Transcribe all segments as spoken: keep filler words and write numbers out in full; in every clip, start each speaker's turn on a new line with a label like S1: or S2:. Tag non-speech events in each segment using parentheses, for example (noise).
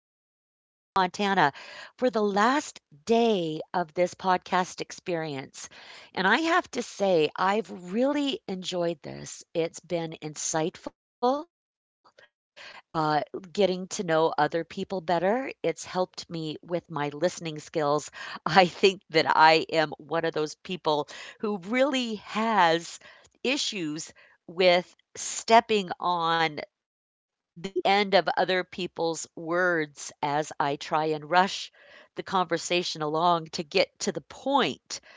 S1: you again from beautiful Charlotte, Montana, for the last day of this podcast experience. And I have to say, I've really enjoyed this. It's been insightful, uh, getting to know other people better. It's helped me with my listening skills. (laughs) I think that I am one of those people who really has issues with stepping on the end of other people's words as I try and rush the conversation along to get to the point,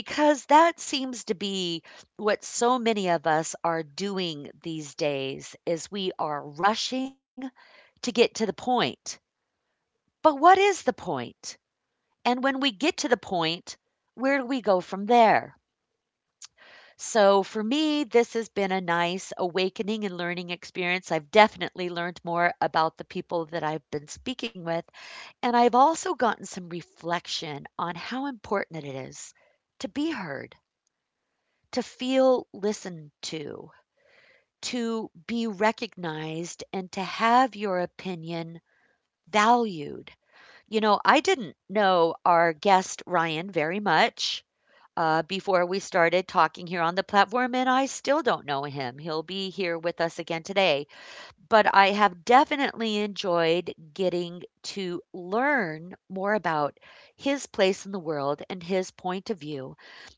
S1: because that seems to be what so many of us are doing these days is we are rushing to get to the point. But what is the point? And when we get to the point, where do we go from there? So for me, this has been a nice awakening and learning experience. I've definitely learned more about the people that I've been speaking with, and I've also gotten some reflection on how important it is to be heard, to feel listened to, to be recognized, and to have your opinion valued. You know, I didn't know our guest Ryan very much uh, before we started talking here on the platform, and I still don't know him. He'll be here with us again today. But I have definitely enjoyed getting to learn more about his place in the world and his point of view.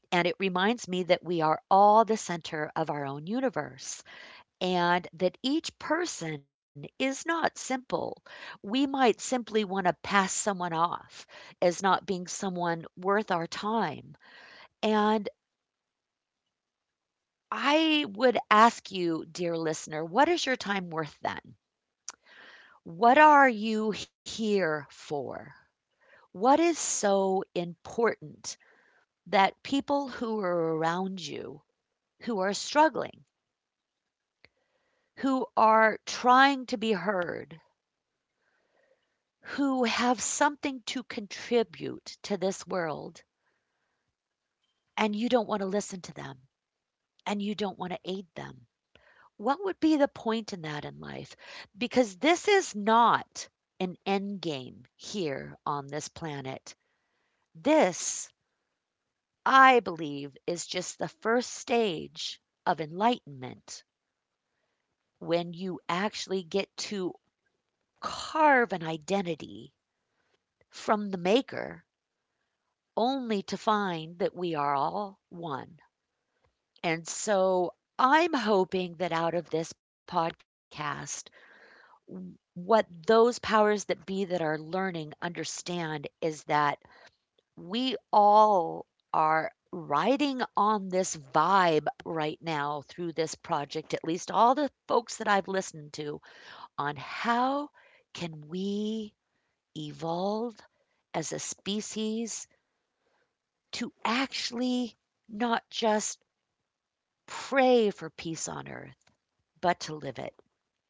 S1: And it reminds me that we are all the center of our own universe and that each person is not simple. We might simply want to pass someone off as not being someone worth our time. And I would ask you, dear listener, what is your time worth then? What are you here for? What is so important that people who are around you, who are struggling, who are trying to be heard, who have something to contribute to this world, and you don't want to listen to them and you don't want to aid them? What would be the point in that in life? Because this is not an end game here on this planet. This, I believe, is just the first stage of enlightenment when you actually get to carve an identity from the maker only to find that we are all one. And so I'm hoping that out of this podcast, w- what those powers that be that are learning understand is that we all are riding on this vibe right now through this project, at least all the folks that I've listened to, on how can we evolve as a species to actually not just pray for peace on earth, but to live it.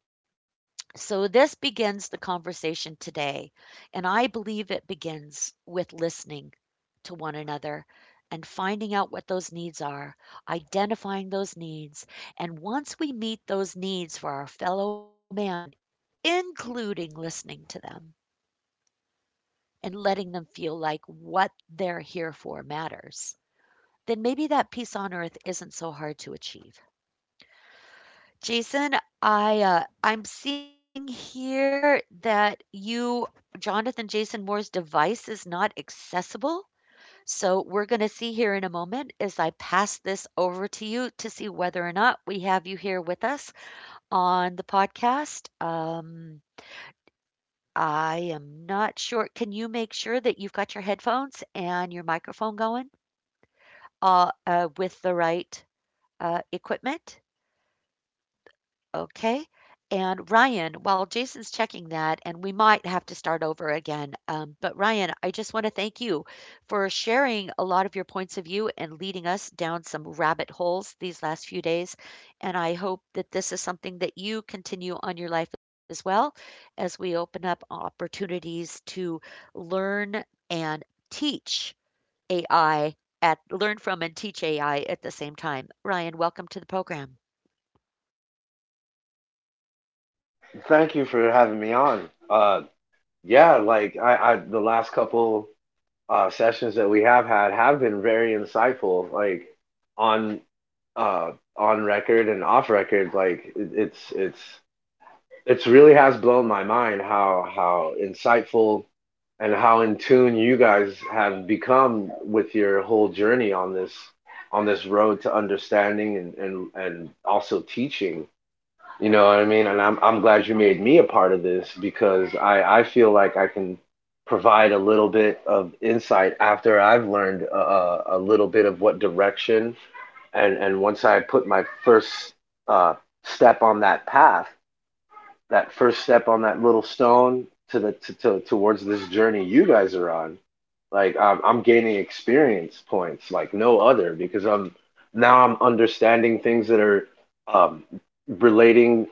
S1: So, this begins the conversation today, and I believe it begins with listening to one another and finding out what those needs are, identifying those needs. And once we meet those needs for our fellow man, including listening to them and letting them feel like what they're here for matters, then maybe that peace on earth isn't so hard to achieve. Jason, I uh, I'm seeing here that you, Jonathan Jason Moore's device is not accessible. So we're going to see here in a moment as I pass this over to you to see whether or not we have you here with us on the podcast. Um, I am not sure. Can you make sure that you've got your headphones and your microphone going uh, uh, with the right uh, equipment? Okay. And Ryan, while Jason's checking that, and we might have to start over again, um, but Ryan, I just want to thank you for sharing a lot of your points of view and leading us down some rabbit holes these last few days. And I hope that this is something that you continue on your life as well as we open up opportunities to learn and teach A I at learn from and teach A I at the same time. Ryan, welcome to the program.
S2: Thank you for having me on. Uh, yeah, like I, I, the last couple uh, sessions that we have had have been very insightful, like on uh, on record and off record. Like it, it's it's it's really has blown my mind how how insightful and how in tune you guys have become with your whole journey on this on this road to understanding and and, and also teaching, you know what I mean? And I'm I'm glad you made me a part of this because I I feel like I can provide a little bit of insight after I've learned a, a, little bit of what direction. And and once I put my first uh, step on that path, that first step on that little stone to the to, to towards this journey you guys are on, like I'm I'm gaining experience points like no other because I'm now I'm understanding things that are um, relating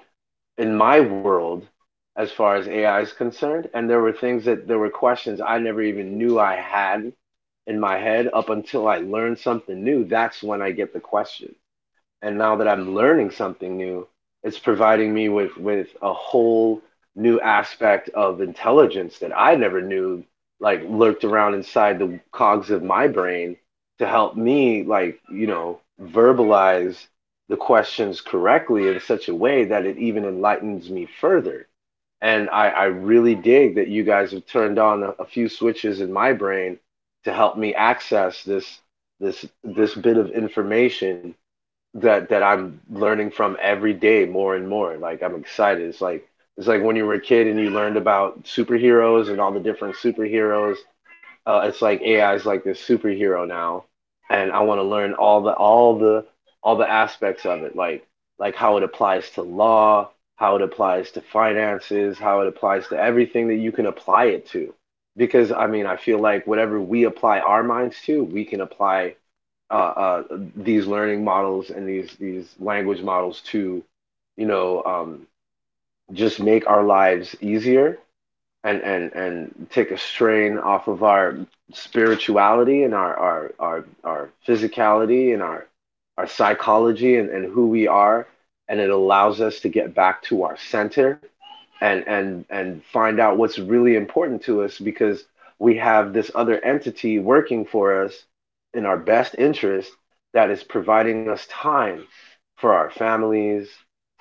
S2: in my world as far as A I is concerned. And there were things that there were questions I never even knew I had in my head up until I learned something new. That's when I get the question, and now that I'm learning something new, it's providing me with with a whole new aspect of intelligence that I never knew, like lurked around inside the cogs of my brain to help me, like, you know, verbalize the questions correctly in such a way that it even enlightens me further. And I, I really dig that you guys have turned on a, a few switches in my brain to help me access this this this bit of information that that I'm learning from every day, more and more. Like, I'm excited. It's like it's like when you were a kid and you learned about superheroes and all the different superheroes. Uh, it's like A I is like this superhero now, and I want to learn all the all the all the aspects of it, like like how it applies to law, how it applies to finances, how it applies to everything that you can apply it to. Because I mean, I feel like whatever we apply our minds to, we can apply uh, uh, these learning models and these these language models to, you know, um, just make our lives easier and and and take a strain off of our spirituality and our our our, our physicality and our our psychology and, and who we are, and it allows us to get back to our center and and and find out what's really important to us because we have this other entity working for us in our best interest that is providing us time for our families,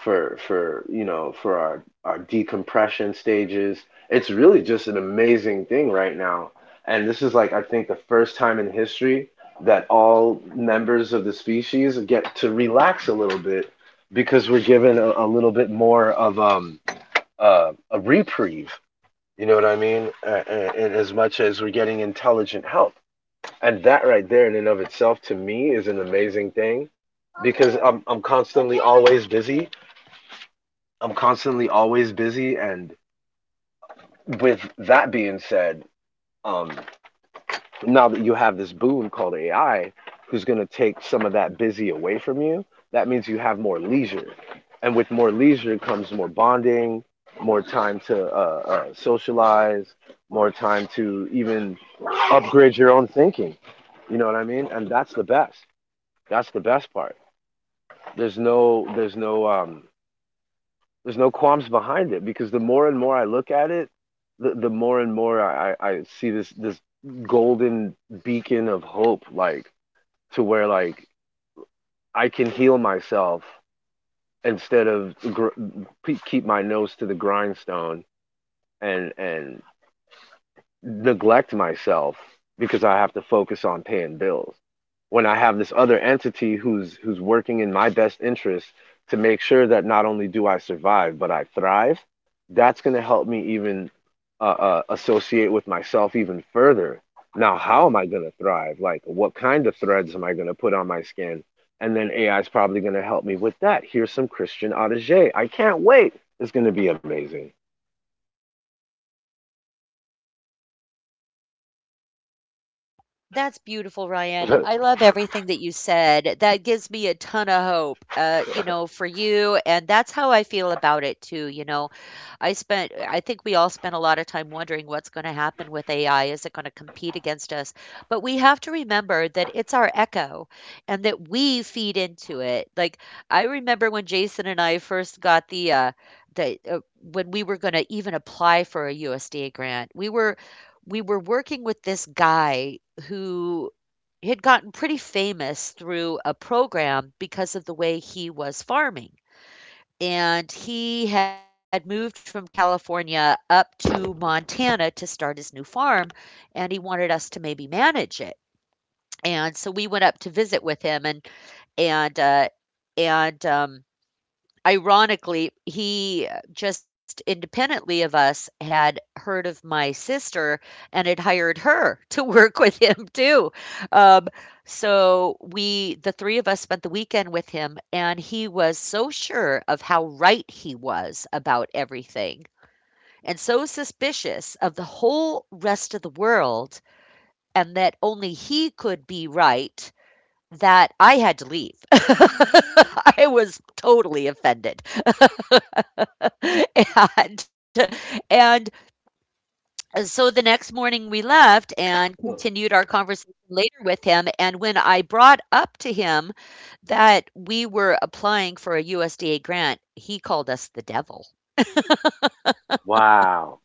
S2: for for you know, for our our decompression stages. It's really just an amazing thing right now, and this is like, I think, the first time in history that all members of the species get to relax a little bit because we're given a, a little bit more of um uh, a reprieve. You know what I mean? Uh, and, and as much as we're getting intelligent help, and that right there in and of itself to me is an amazing thing, because I'm I'm constantly always busy. I'm constantly always busy, and with that being said, um, now that you have this boon called A I, who's going to take some of that busy away from you, that means you have more leisure. And with more leisure comes more bonding, more time to uh, uh, socialize, more time to even upgrade your own thinking. You know what I mean? And that's the best. That's the best part. There's no, there's no, um, there's no qualms behind it because the more and more I look at it, the, the more and more I, I see this this golden beacon of hope, like, to where like I can heal myself instead of gr- keep my nose to the grindstone and and neglect myself because I have to focus on paying bills. When I have this other entity who's who's working in my best interest to make sure that not only do I survive, but I thrive, that's going to help me even uh, uh, associate with myself even further. Now, how am I going to thrive? Like, what kind of threads am I going to put on my skin? And then A I is probably going to help me with that. Here's some Christian Audige. I can't wait. It's going to be amazing.
S1: That's beautiful, Ryan. I
S2: (laughs)
S1: love everything that you said. That gives me a ton of hope, uh, you know, for you. And that's how I feel about it too. You know, I spent, I think we all spent a lot of time wondering what's going to happen with A I. Is it going to compete against us? But we have to remember that it's our echo and that we feed into it. Like, I remember when Jason and I first got the, uh, the, uh, when we were going to even apply for a U S D A grant, we were, we were working with this guy who had gotten pretty famous through a program because of the way he was farming. And he had moved from California up to Montana to start his new farm, and he wanted us to maybe manage it. And so we went up to visit with him, and and uh, and um, Ironically, he uh, just independently of us had heard of my sister and had hired her (laughs) to work with him too. Um, so we, the three of us, spent the weekend with him, and he was so sure of how right he was about everything, and so suspicious of the whole rest of the world, and that only he could be right, that I had to leave. (laughs) I was totally offended. (laughs) and and So the next morning we left and continued our conversation later with him, and when I brought up to him that we were applying for a USDA grant, he called us the devil.
S2: Wow.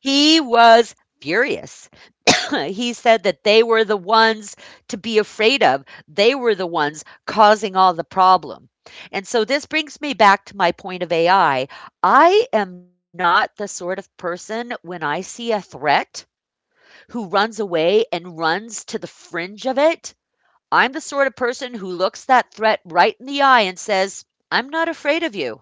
S1: He was furious. (laughs) (clears throat) He said that they were the ones to be afraid of. They were the ones causing all the problem. And so this brings me back to my point of A I. I I am not the sort of person when I see a threat who runs away and runs to the fringe of it. I'm the sort of person who looks that threat right in the eye and says, I'm not afraid of you.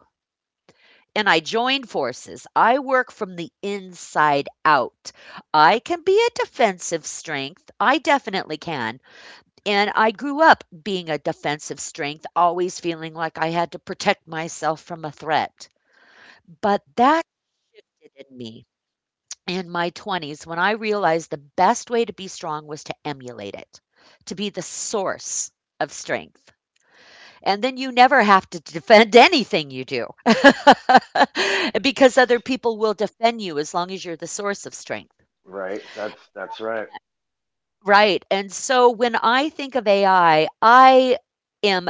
S1: And I join forces. I work from the inside out. I can be a defensive strength. I definitely can. And I grew up being a defensive strength, always feeling like I had to protect myself from a threat. But that shifted in me in my twenties when I realized the best way to be strong was to emulate it, to be the source of strength. And then you never have to (laughs) defend anything you do (laughs) because other people will defend you as long as you're the source of strength.
S2: Right. That's that's right.
S1: Right. And so when I think of A I, I I am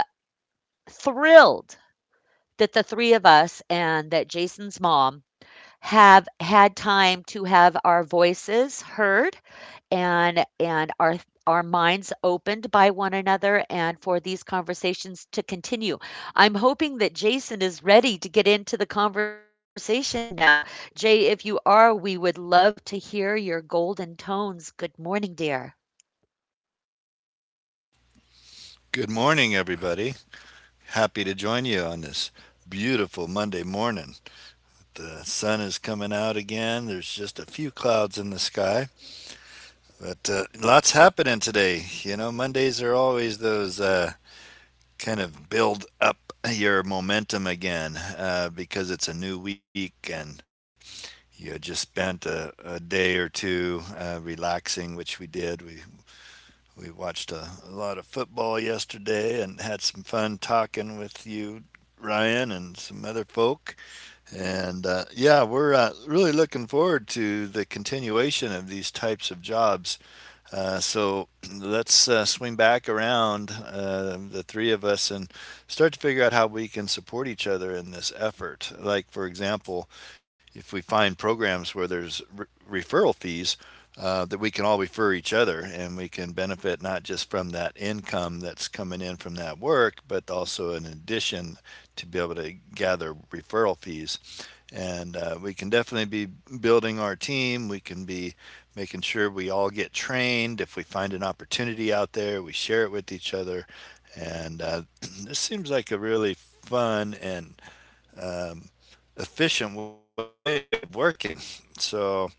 S1: thrilled that the three of us and that Jason's mom have had time to have our voices heard and and our our minds opened by one another and for these conversations to continue. I'm hoping that Jason is ready to get into the conversation now. Jay, if you are, we would love to hear your golden tones. Good morning, dear.
S3: Good morning, everybody. Happy to join you on this beautiful Monday morning. The sun is coming out again. There's just a few clouds in the sky, but uh, lots happening today. You know, Mondays are always those uh, kind of build up your momentum again uh, because it's a new week and you just spent a, a day or two uh, relaxing, which we did. We We watched a a lot of football yesterday and had some fun talking with you, Ryan, and some other folk. And uh, yeah, we're uh, really looking forward to the continuation of these types of jobs. Uh, so let's uh, swing back around, uh, the three of us, and start to figure out how we can support each other in this effort. Like, for example, if we find programs where there's re- referral fees, uh, that we can all refer each other and we can benefit not just from that income that's coming in from that work, but also in addition to be able to gather referral fees. And uh, we can definitely be building our team. We can be making sure we all get trained. If we find an opportunity out there, we share it with each other. And uh, (clears throat) this seems like a really fun and efficient way of working. So,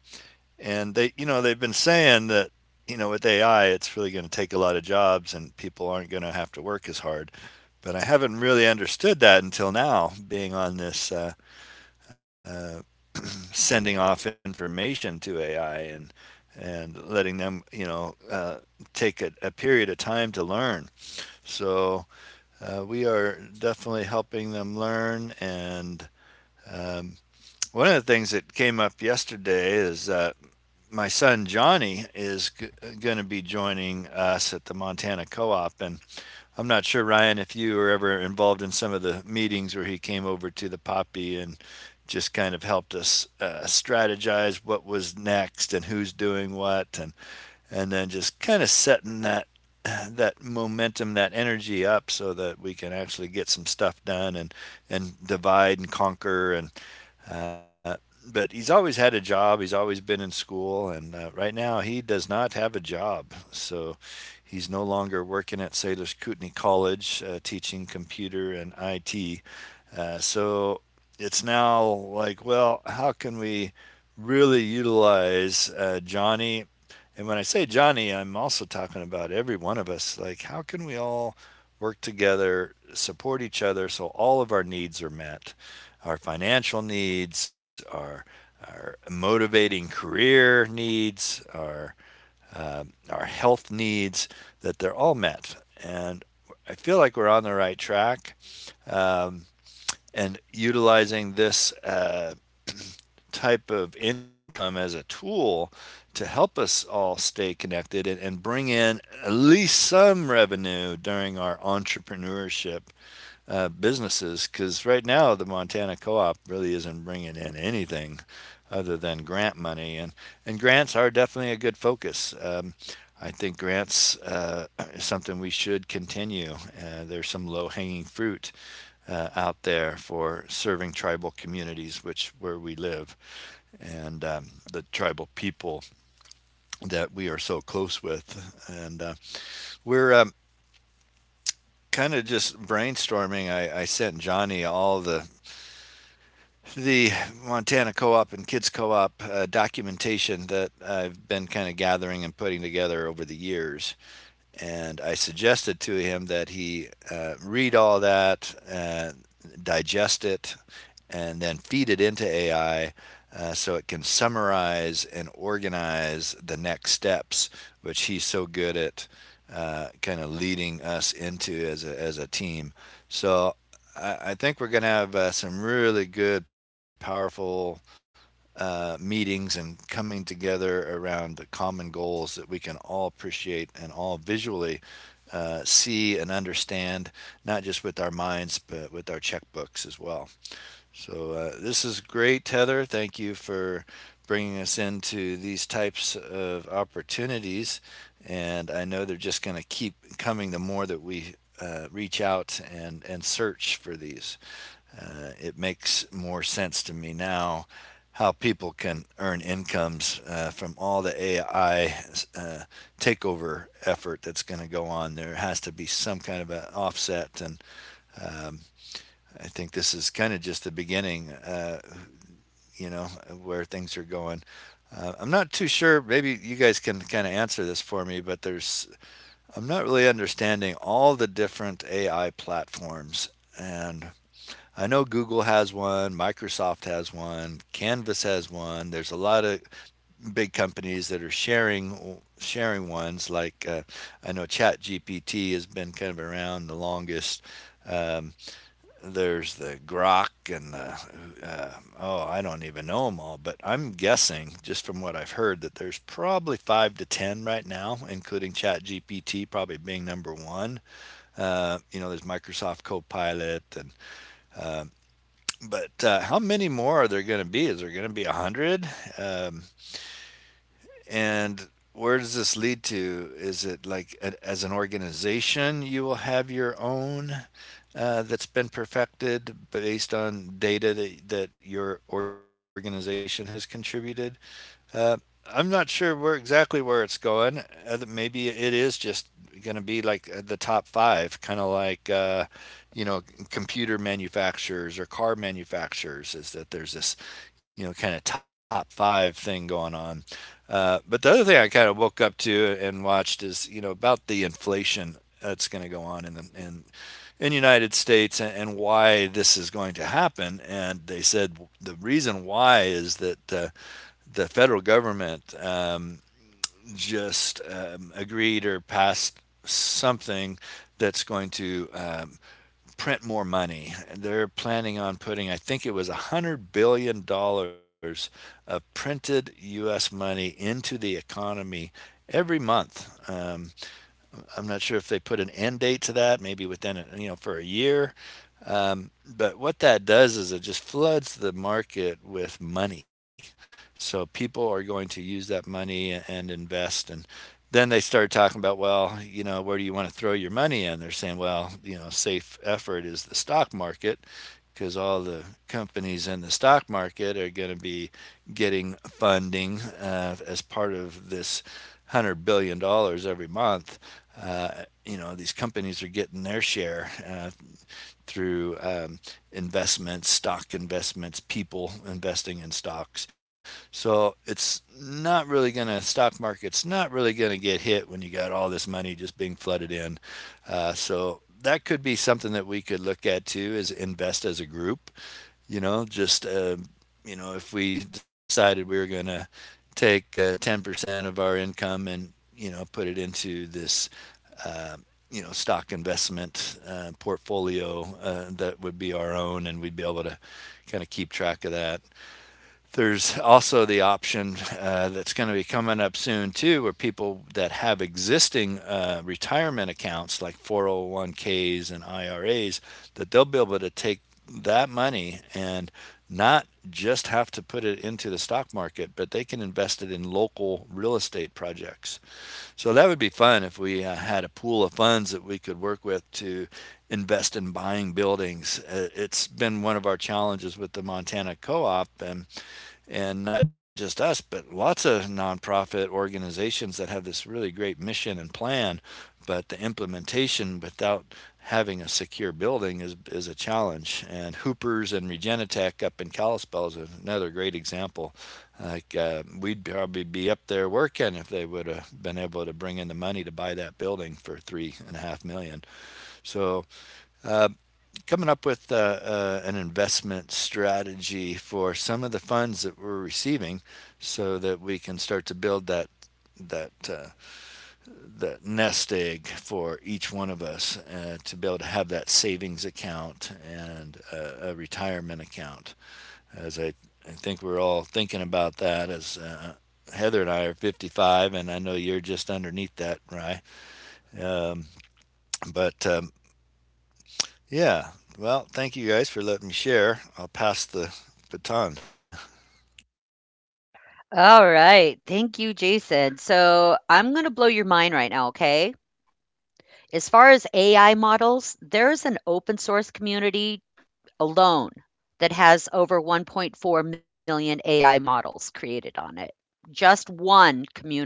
S3: and they, you know, they've been saying that, you know, with A I, it's really going to take a lot of jobs and people aren't going to have to work as hard. But I haven't really understood that until now, being on this uh, sending off information to A I and and letting them, you know, uh, take a, a period of time to learn. So uh, we are definitely helping them learn. And um, one of the things that came up yesterday is that my son Johnny is g- going to be joining us at the Montana Co-op, and I'm not sure, Ryan, if you were ever involved in some of the meetings where he came over to the Poppy and just kind of helped us uh, strategize what was next and who's doing what, and and then just kind of setting that (clears throat) that momentum, that energy up, so that we can actually get some stuff done and and divide and conquer. And uh, but he's always had a job. He's always been in school, and uh, right now he does not have a job. So he's no longer working at Sailors Kootenai College, uh, teaching computer and I T. Uh, so it's now like, well, how can we really utilize uh, Johnny? And when I say Johnny, I'm also talking about every one of us. Like, how can we all work together, support each other, so all of our needs are met? Our financial needs, our our motivating career needs, our um our health needs, that they're all met. And I feel like we're on the right track. Um, and utilizing this uh, type of income as a tool to help us all stay connected and, and bring in at least some revenue during our entrepreneurship uh, businesses because right now the Montana Co-op really isn't bringing in anything other than grant money, and and grants are definitely a good focus. Um, I think grants uh, is something we should continue. Uh, there's some low-hanging fruit uh, out there for serving tribal communities, which where we live, and um, the tribal people that we are so close with, and uh, we're. Um, Kind of just brainstorming. I, I sent Johnny all the the Montana Co-op and Kids Co-op uh, documentation that I've been kind of gathering and putting together over the years. And I suggested to him that he uh, read all that, uh, digest it, and then feed it into A I uh, so it can summarize and organize the next steps, which he's so good at uh, kind of leading us into as a, as a team. So I, I think we're going to have uh, some really good, powerful uh, meetings and coming together around the common goals that we can all appreciate and all visually uh, see and understand, not just with our minds, but with our checkbooks as well. So uh, this is great, Heather. Thank you for bringing us into these types of opportunities. And I know they're just going to keep coming the more that we uh, reach out and, and search for these. Uh, it makes more sense to me now how people can earn incomes uh, from all the A I uh, takeover effort that's going to go on. There has to be some kind of an offset, and um, I think this is kind of just the beginning. Uh, you know, where things are going. Uh, I'm not too sure. Maybe you guys can kind of answer this for me, but there's, I'm not really understanding all the different A I platforms. And I know Google has one, Microsoft has one, Canvas has one. There's a lot of big companies that are sharing sharing ones. Like uh, I know ChatGPT has been kind of around the longest. Um, there's the grok and the uh, oh I don't even know them all, but I'm guessing just from what I've heard that there's probably five to ten right now, including chat gpt probably being number one. uh, you know, there's Microsoft Copilot. And uh, but uh, How many more are there going to be? Is there going to be a hundred? Um, and where does this lead to? Is it like a, as an organization you will have your own uh, that's been perfected based on data that, that your organization has contributed. Uh, I'm not sure where exactly where it's going. Uh, maybe it is just going to be like uh, the top five, kind of like uh, you know, computer manufacturers or car manufacturers. Is that there's this, you know, kind of top five thing going on. Uh, but the other thing I kind of woke up to and watched is, you know, about the inflation that's going to go on in the in in the United States, and why this is going to happen. And they said the reason why is that uh, the federal government um, just um, agreed or passed something that's going to um, print more money. They're planning on putting, I think it was $100 billion dollars of printed U S money into the economy every month. Um, I'm not sure if they put an end date to that, maybe within, a, you know, for a year. Um, but what that does is it just floods the market with money. So people are going to use that money and invest. And then they started talking about, well, you know, where do you want to throw your money in? They're saying, well, you know, safe effort is the stock market because all the companies in the stock market are going to be getting funding uh, as part of this $100 billion dollars every month. Uh, you know, these companies are getting their share. Uh, through um, investments, stock investments, people investing in stocks. So it's not really going to, stock market's not really going to get hit when you got all this money just being flooded in. Uh, so that could be something that we could look at too is invest as a group. You know, just, uh, you know, if we decided we were going to take uh, ten percent of our income and, you know, put it into this uh, you know, stock investment uh, portfolio uh, that would be our own, and we'd be able to kind of keep track of that. There's also the option uh, that's going to be coming up soon too, where people that have existing uh, retirement accounts like four oh one k's and I R As, that they'll be able to take that money and not just have to put it into the stock market, but they can invest it in local real estate projects. So that would be fun if we uh, had a pool of funds that we could work with to invest in buying buildings. Uh, It's been one of our challenges with the Montana Co-op, and and not just us, but lots of nonprofit organizations that have this really great mission and plan, but the implementation without having a secure building is is a challenge. And Hoopers and Regenitech up in Kalispell is another great example. Like uh, we'd probably be up there working if they would have been able to bring in the money to buy that building for three and a half million. So uh, Coming up with uh, uh, an investment strategy for some of the funds that we're receiving so that we can start to build that that uh, that nest egg for each one of us uh, to be able to have that savings account and uh, a retirement account as I, I think we're all thinking about that as uh, Heather and I are fifty-five, and I know you're just underneath that, right? Um, but um, Yeah. Well, thank you guys for letting me share. I'll pass the baton.
S1: All right. Thank you, Jason. So I'm going to blow your mind right now, okay? As far as A I models, there's an open source community alone that has over one point four million A I models created on it. Just one community.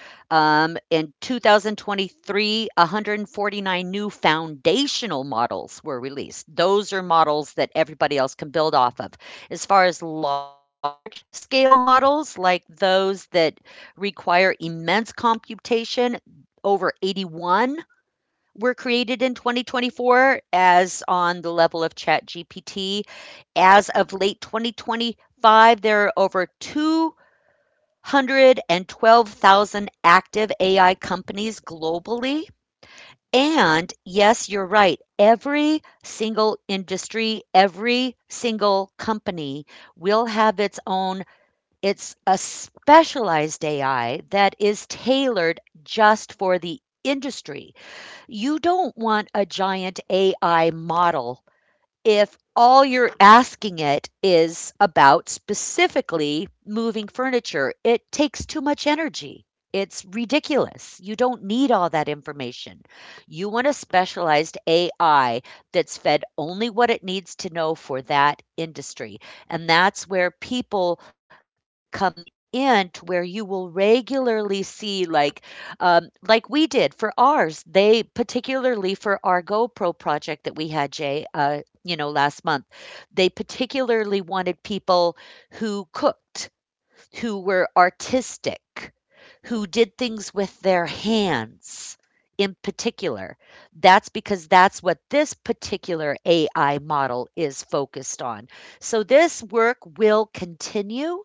S1: Um, in two thousand twenty-three, one hundred forty-nine new foundational models were released. Those are models that everybody else can build off of. As far as large scale models, like those that require immense computation, over eighty-one were created in twenty twenty-four as on the level of ChatGPT. As of late twenty twenty-five, there are over two hundred twelve thousand active A I companies globally. And yes, you're right. Every single industry, every single company will have its own, it's a specialized A I that is tailored just for the industry. You don't want a giant A I model if all you're asking it is about specifically moving furniture, it takes too much energy. It's ridiculous. You don't need all that information. You want a specialized A I that's fed only what it needs to know for that industry. And that's where people come in to where you will regularly see like um, like we did for ours. They particularly for our GoPro project that we had, Jay, uh, you know, last month. They particularly wanted people who cooked, who were artistic, who did things with their hands in particular. That's because that's what this particular A I model is focused on. So this work will continue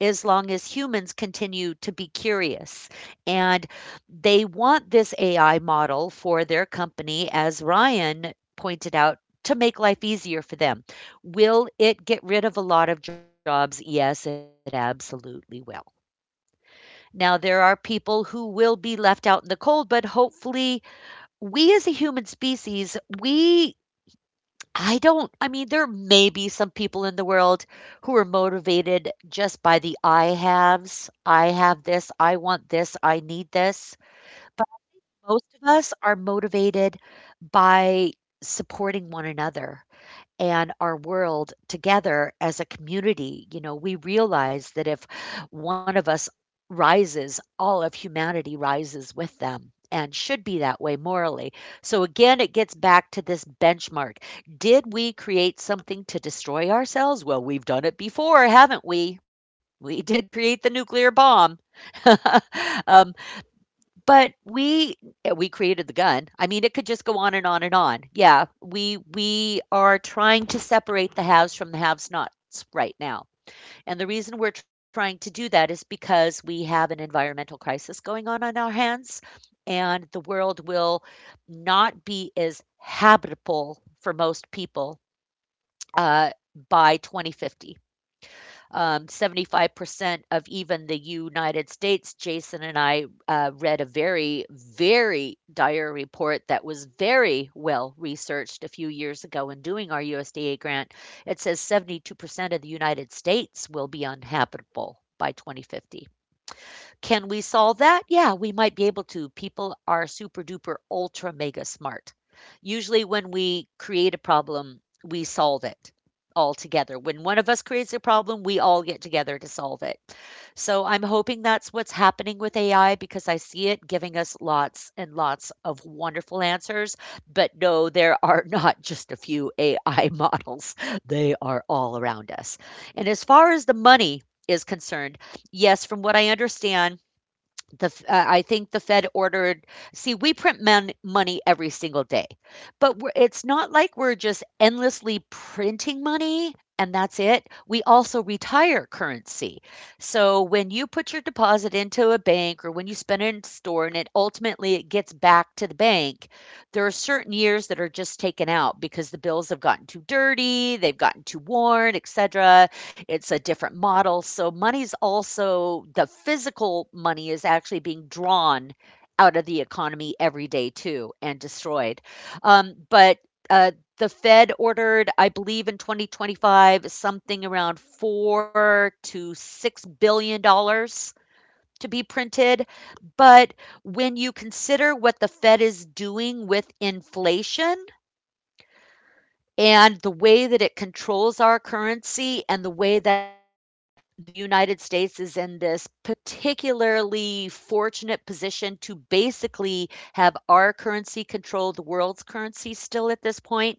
S1: as long as humans continue to be curious. And they want this A I model for their company, as Ryan pointed out, to make life easier for them. Will it get rid of a lot of jobs? Yes, it absolutely will. Now, there are people who will be left out in the cold, but hopefully, we as a human species, we I don't I mean, there may be some people in the world who are motivated just by the I haves. "I have this, I want this, I need this." But most of us are motivated by supporting one another and our world together as a community. You know, we realize that if one of us rises, all of humanity rises with them and should be that way morally. So again, it gets back to this benchmark. Did we create something to destroy ourselves? Well, we've done it before, haven't we? We did create the nuclear bomb. (laughs) um, but we eh, we created the gun. I mean, it could just go on and on and on. Yeah, we we are trying to separate the haves from the have-nots right now. And the reason we're trying to do that is because we have an environmental crisis going on on our hands, and the world will not be as habitable for most people, uh, by twenty fifty, um, seventy-five percent of even the United States. Jason and I uh, read a very, very dire report that was very well researched a few years ago in doing our U S D A grant. It says seventy-two percent of the United States will be uninhabitable by twenty fifty. Can we solve that? Yeah, we might be able to. People are super duper ultra mega smart. Usually, when we create a problem, we solve it all together. When one of us creates a problem, we all get together to solve it. So I'm hoping that's what's happening with A I because I see it giving us lots and lots of wonderful answers. But no, there (laughs) are not just a few A I models, they are all around us. And as far as the money is concerned, yes, from what I understand, the f- uh, I think the Fed ordered. See, we print mon- money every single day, but we're, it's not like we're just endlessly printing money and that's it. We also retire currency. So when you put your deposit into a bank or when you spend it in store and it ultimately it gets back to the bank, there are certain years that are just taken out because the bills have gotten too dirty, they've gotten too worn, et cetera. It's a different model. So money's also the physical money is actually being drawn out of the economy every day too and destroyed. Um, but uh, the Fed ordered, I believe, in twenty twenty-five something around four to six billion dollars to be printed. But when you consider what the Fed is doing with inflation, and the way that it controls our currency and the way that the United States is in this particularly fortunate position to basically have our currency control the world's currency still at this point.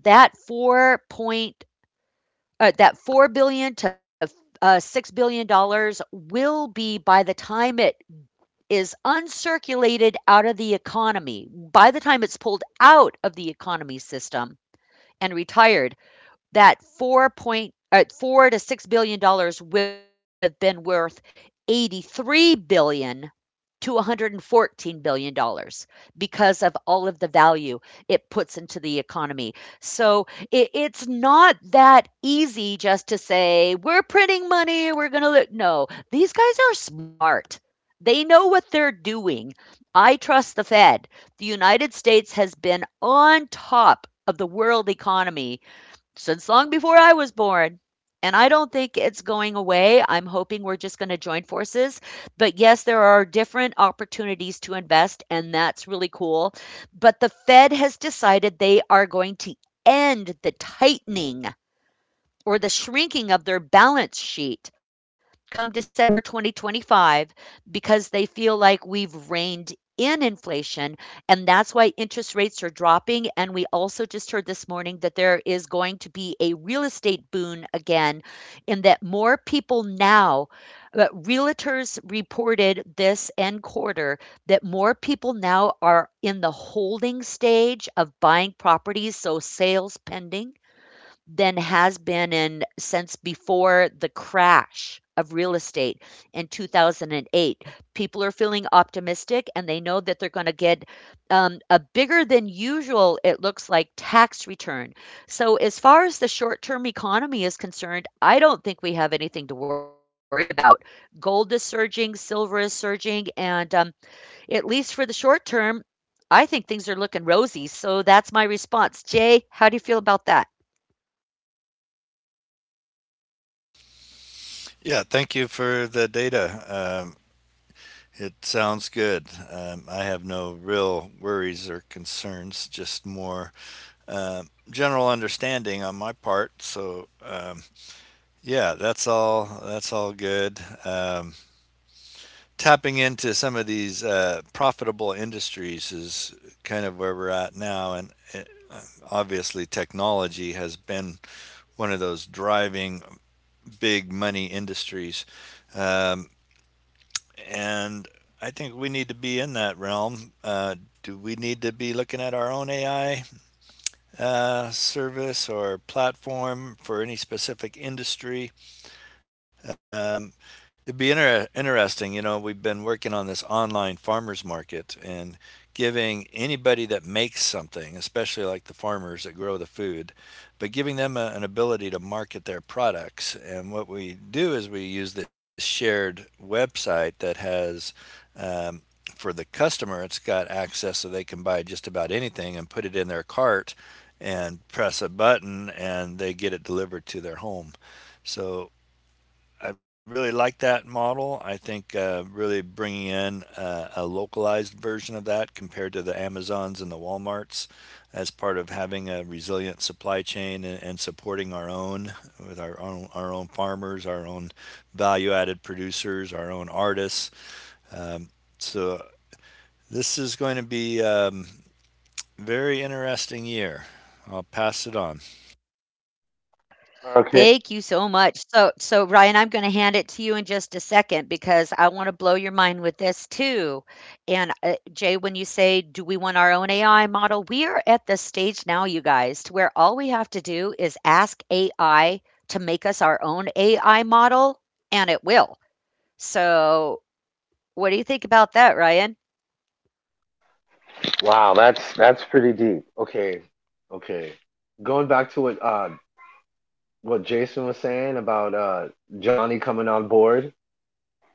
S1: That four point, uh, that four billion to uh, six billion dollars will be by the time it is uncirculated out of the economy, by the time it's pulled out of the economy system and retired, that four point uh, four to six billion dollars will have been worth eighty-three billion dollars to one hundred fourteen billion dollars because of all of the value it puts into the economy. So it, it's not that easy just to say we're printing money, we're going to look. No, these guys are smart. They know what they're doing. I trust the Fed. The United States has been on top of the world economy since long before I was born. And I don't think it's going away. I'm hoping we're just going to join forces. But yes, there are different opportunities to invest, and that's really cool. But the Fed has decided they are going to end the tightening or the shrinking of their balance sheet come December twenty twenty-five because they feel like we've reined in inflation. And that's why interest rates are dropping. And we also just heard this morning that there is going to be a real estate boon again, in that more people now, uh, realtors reported this end quarter that more people now are in the holding stage of buying properties, so sales pending than has been in since before the crash of real estate in two thousand eight. People are feeling optimistic and they know that they're going to get um, a bigger than usual, it looks like, tax return. So, as far as the short term economy is concerned, I don't think we have anything to worry about. Gold is surging, silver is surging, and um, at least for the short term, I think things are looking rosy. So, that's my response. Jay, how do you feel about that?
S3: Yeah, thank you for the data. Um, it sounds good. Um, I have no real worries or concerns, just more um general understanding on my part. So, um, yeah, that's all. That's all good. Um, tapping into some of these uh, profitable industries is kind of where we're at now, and it, obviously technology has been one of those driving big money industries. Um, and I think we need to be in that realm. Uh, do we need to be looking at our own A I uh, service or platform for any specific industry? Um, It'd be inter- interesting. You know, we've been working on this online farmers market and giving anybody that makes something, especially like the farmers that grow the food, but giving them a, an ability to market their products. And what we do is we use this shared website that has. Um, for the customer, it's got access so they can buy just about anything and put it in their cart and press a button and they get it delivered to their home. So I really like that model. I think uh, really bringing in uh, a localized version of that compared to the Amazons and the Walmarts as part of having a resilient supply chain and, and supporting our own with our own our own farmers, our own value-added producers, our own artists. Um, so this is going to be a um, very interesting year. I'll pass it on.
S2: Okay.
S1: Thank you so much. So so Ryan, I'm gonna hand it to you in just a second because I wanna blow your mind with this too. And, uh, Jay, when you say, "Do we want our own A I model?" We are at the stage now, you guys, to where all we have to do is ask A I to make us our own A I model, and it will. So, what do you think about that, Ryan?
S2: Wow, that's that's pretty deep. Okay. Okay. Going back to what uh what Jason was saying about uh Johnny coming on board.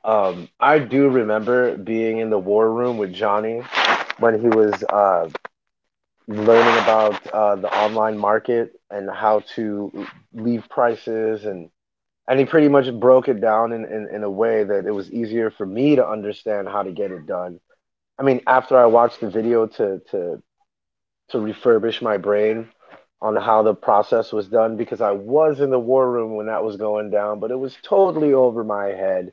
S2: Um I do remember being in the war room with Johnny when he was uh learning about uh the online market and how to leave prices, and and he pretty much broke it down in, in, in, a way that it was easier for me to understand how to get it done. I mean, after I watched the video to to to refurbish my brain on how the process was done, because I was in the war room when that was going down, but it was totally over my head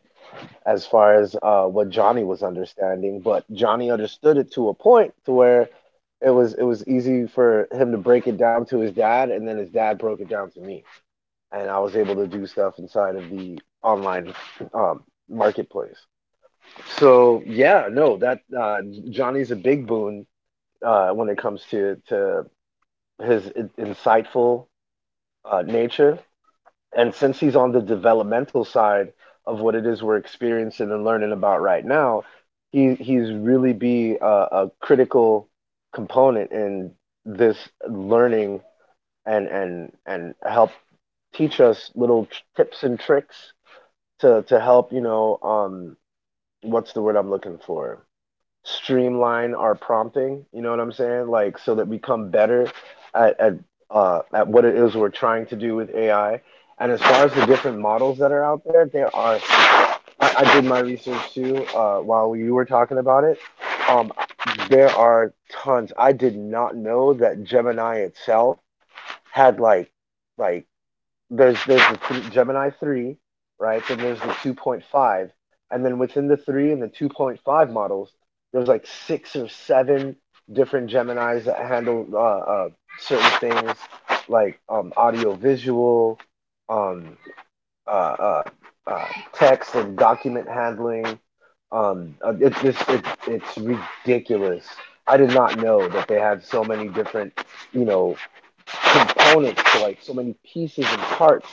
S2: as far as uh, what Johnny was understanding. But Johnny understood it to a point to where it was it was easy for him to break it down to his dad, and then his dad broke it down to me, and I was able to do stuff inside of the online, um, marketplace. So yeah, no, that uh, Johnny's a big boon uh, when it comes to to his insightful uh, nature. And since he's on the developmental side of what it is we're experiencing and learning about right now, he he's really be a, a critical component in this learning and and and help teach us little tips and tricks to to help, you know, um what's the word I'm looking for, streamline our prompting, you know what I'm saying? Like, so that we come better at at uh, at what it is we're trying to do with A I. And as far as the different models that are out there, there are. I, I did my research too uh, while you were talking about it. Um, there are tons. I did not know that Gemini itself had like, like there's there's the th- Gemini three, right? Then there's the two point five, and then within the three and the two point five models, there's like six or seven different Gemini's that handle uh, uh, certain things like um, audio visual, um, uh, uh, uh, text and document handling. Um, uh, it's just it, it's ridiculous. I did not know that they had so many different, you know, components to, like, so many pieces and parts,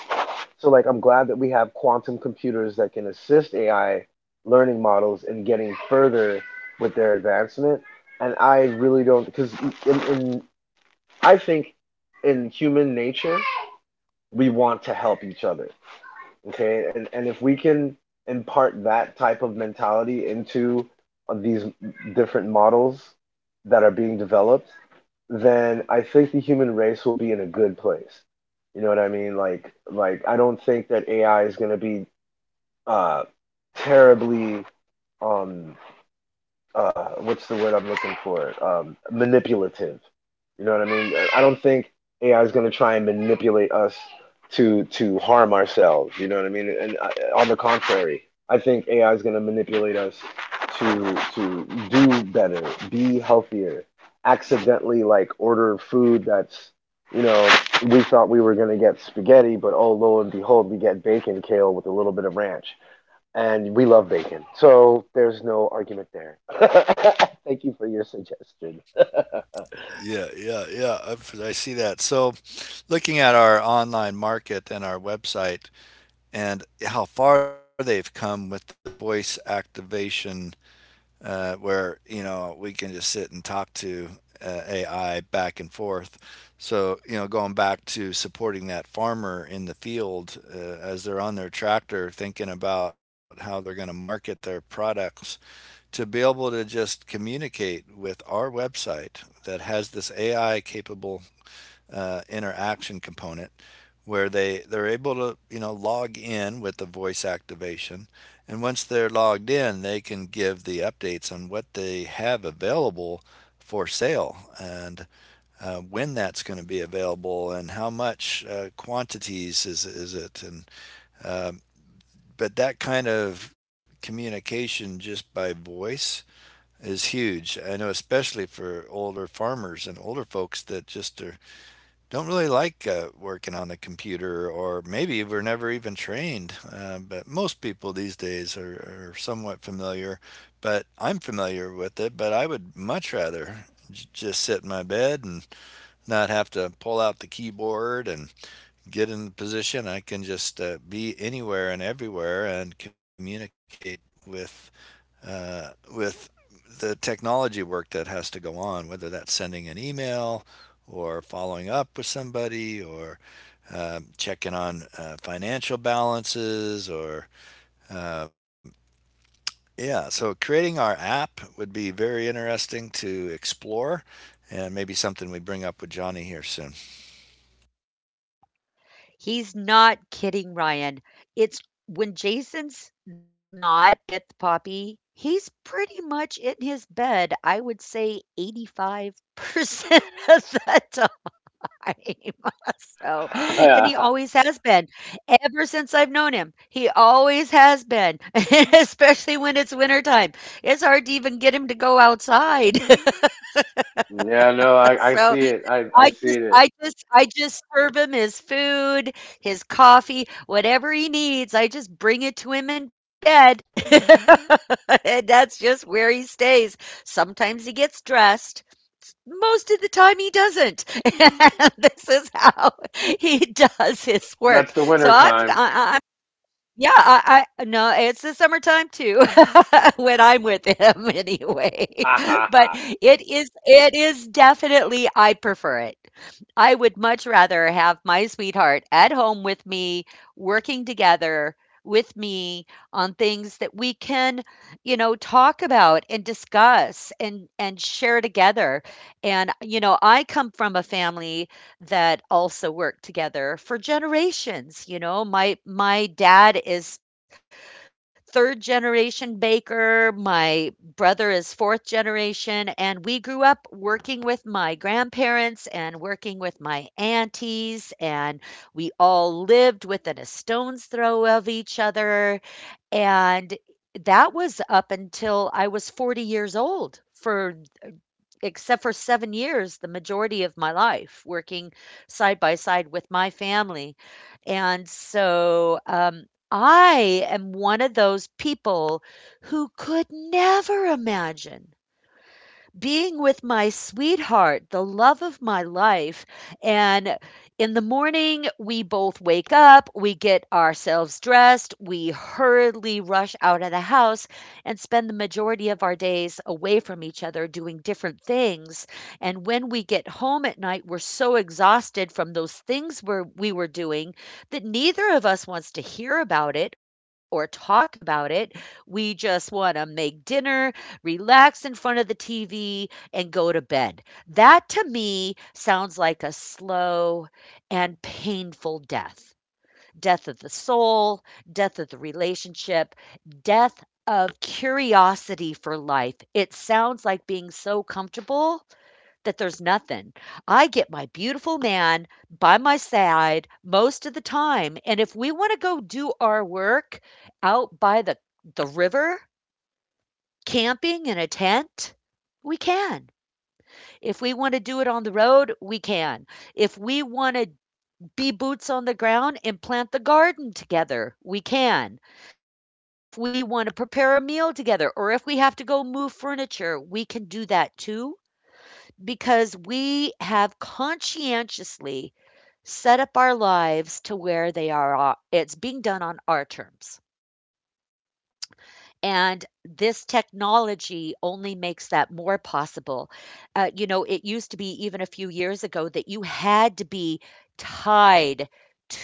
S2: so like, I'm glad that we have quantum computers that can assist A I learning models in getting further with their advancement. And I really don't because in, in I think in human nature we want to help each other. Okay, and and if we can impart that type of mentality into uh, these different models that are being developed, then I think the human race will be in a good place, you know what I mean? Like, like I don't think that AI is going to be uh terribly um uh, what's the word I'm looking for? Um, manipulative. You know what I mean? Uh, I don't think A I is going to try and manipulate us to to harm ourselves. You know what I mean? And uh, uh, on the contrary, I think A I is going to manipulate us to to do better, be healthier, accidentally like order food that's, you know, we thought we were going to get spaghetti, but oh, lo and behold, we get bacon kale with a little bit of ranch, and we love bacon. So there's no argument there. (laughs) Thank you for your suggestion. (laughs)
S3: Yeah, yeah, yeah. I've, I see that. So, looking at our online market and our website and how far they've come with the voice activation, uh, where, you know, we can just sit and talk to uh, A I back and forth. So, you know, going back to supporting that farmer in the field uh, as they're on their tractor thinking about how they're going to market their products, to be able to just communicate with our website that has this A I capable uh, interaction component where they they're able to you know log in with the voice activation, and once they're logged in they can give the updates on what they have available for sale and uh, when that's going to be available and how much uh, quantities is is it. And um but that kind of communication just by voice is huge. I know especially for older farmers and older folks that just are don't really like uh, working on the computer, or maybe we're never even trained. Uh, but most people these days are, are somewhat familiar, but I'm familiar with it. But I would much rather j- just sit in my bed and not have to pull out the keyboard and get in the position I can just uh, be anywhere and everywhere and communicate with uh, with the technology work that has to go on, whether that's sending an email or following up with somebody or um, checking on uh, financial balances or um, yeah, so creating our app would be very interesting to explore, and maybe something we bring up with johnny here soon.
S1: He's not kidding, Ryan. It's when Jason's not at the poppy, he's pretty much in his bed, I would say eighty-five percent (laughs) of the time. (laughs) So, and
S2: Yeah,
S1: he always has been. Ever since I've known him, he always has been, (laughs) especially when it's wintertime. It's hard to even get him to go outside. (laughs)
S2: no, I, I
S1: So,
S2: see it. I, I
S1: I
S2: see
S1: just,
S2: it.
S1: I just, I just serve him his food, his coffee, whatever he needs. I just bring it to him in bed. (laughs) And that's just where he stays. Sometimes he gets dressed. Most of the time he doesn't. (laughs) And this is how he (laughs) does his work.
S2: That's the
S1: So
S2: winter
S1: I'm
S2: time.
S1: I, yeah, I I no, it's the summertime too (laughs) when I'm with him
S2: (laughs)
S1: anyway. (laughs) But
S2: Oh,
S1: it is it is definitely I prefer it. I would much rather have my sweetheart at home with me, working together with me on things that we can, you know, talk about and discuss and and share together. And you know, I come from a family that also worked together for generations. You know, my my dad is third generation baker, my brother is fourth generation, and we grew up working with my grandparents and working with my aunties, and we all lived within a stone's throw of each other. And that was up until I was forty years old for, except for seven years, the majority of my life working side by side with my family. And so um, I am one of those people who could never imagine being with my sweetheart, the love of my life. And in the morning, we both wake up, we get ourselves dressed, we hurriedly rush out of the house and spend the majority of our days away from each other doing different things. And when we get home at night, we're so exhausted from those things we're, we were doing that neither of us wants to hear about it or talk about it. We just want to make dinner, relax in front of the T V, and go to bed. That to me sounds like a slow and painful death, death of the soul, death of the relationship, death of curiosity for life. It sounds like being so comfortable that there's nothing. I get my beautiful man by my side most of the time. And if we want to go do our work out by the, the river, camping in a tent, we can. If we want to do it on the road, we can. If we want to be boots on the ground and plant the garden together, we can. If we want to prepare a meal together, or if we have to go move furniture, we can do that too, because we have conscientiously set up our lives to where they are. uh, It's being done on our terms. And this technology only makes that more possible. Uh, you know, it used to be even a few years ago that you had to be tied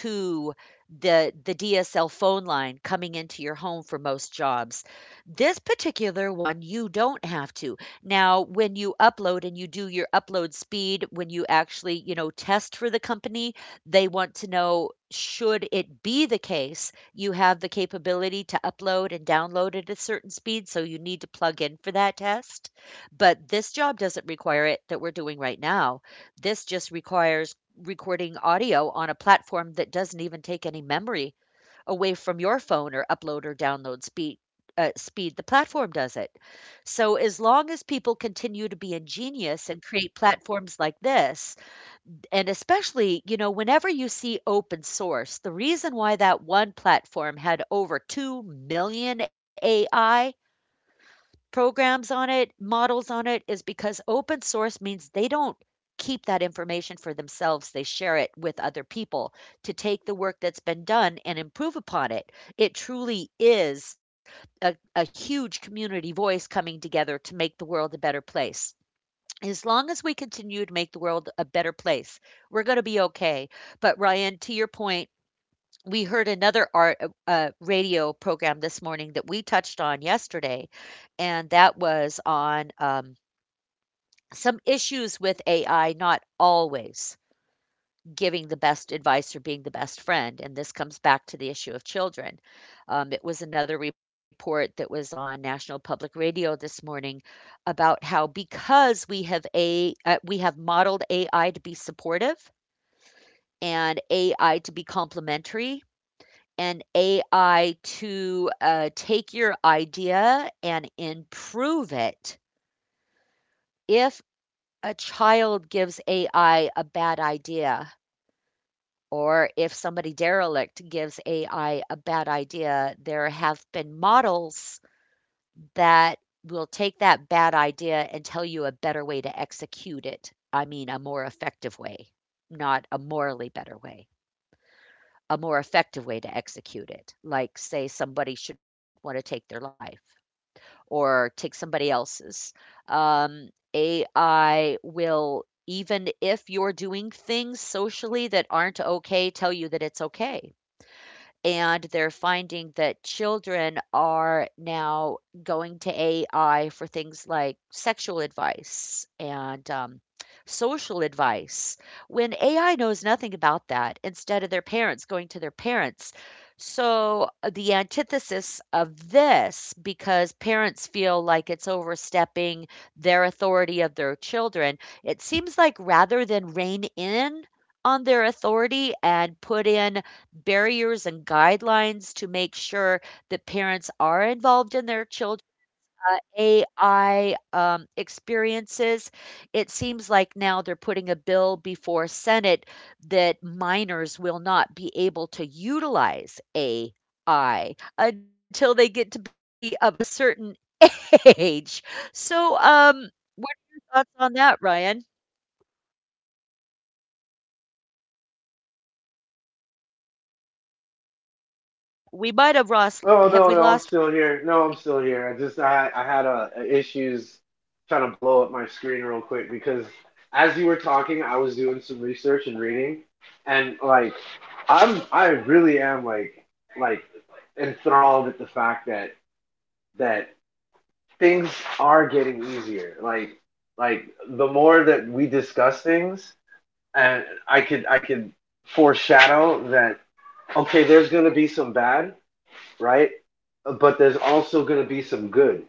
S1: to the the D S L phone line coming into your home for most jobs. This particular one you don't have to. Now, when you upload and you do your upload speed, when you actually, you know, test for the company, they want to know should it be the case you have the capability to upload and download at a certain speed, so you need to plug in for that test. But this job doesn't require it that we're doing right now. This just requires recording audio on a platform that doesn't even take any memory away from your phone or upload or download speed. Uh, speed the platform does it. So, as long as people continue to be ingenious and create platforms like this, and especially, you know, whenever you see open source, the reason why that one platform had over two million A I programs on it, models on it, is because open source means they don't keep that information for themselves. They share it with other people to take the work that's been done and improve upon it. It truly is a, a huge community voice coming together to make the world a better place. As long as we continue to make the world a better place, we're going to be okay. But Ryan, to your point, we heard another art uh, uh, radio program this morning that we touched on yesterday, and that was on um, some issues with A I, not always giving the best advice or being the best friend. And this comes back to the issue of children. Um, it was another report that was on National Public Radio this morning about how because we have a uh, we have modeled A I to be supportive and A I to be complementary and A I to uh, take your idea and improve it. If a child gives A I a bad idea, or if somebody derelict gives A I a bad idea, there have been models that will take that bad idea and tell you a better way to execute it. I mean, a more effective way, not a morally better way, a more effective way to execute it. Like, say, somebody should want to take their life or take somebody else's. Um, A I will, even if you're doing things socially that aren't okay, tell you that it's okay, and they're finding that children are now going to A I for things like sexual advice and um, social advice when A I knows nothing about that instead of their parents going to their parents. So, uh, the antithesis of this, because parents feel like it's overstepping their authority of their children, it seems like rather than rein in on their authority and put in barriers and guidelines to make sure that parents are involved in their children uh, A I um, experiences. It seems like now they're putting a bill before Senate that minors will not be able to utilize A I until they get to be of a certain (laughs) age. So, um, what are your thoughts on that, Ryan? We might have
S2: no, no,
S1: lost.
S2: I'm
S1: Have we
S2: still
S1: lost?
S2: here. No, I'm still here. I just I, I had a, a issues trying to blow up my screen real quick because as you were talking, I was doing some research and reading, and like, I'm I really am like, like enthralled at the fact that that things are getting easier. Like, like the more that we discuss things, and I could I could foreshadow that, okay, there's gonna be some bad, right? But there's also going to be some good,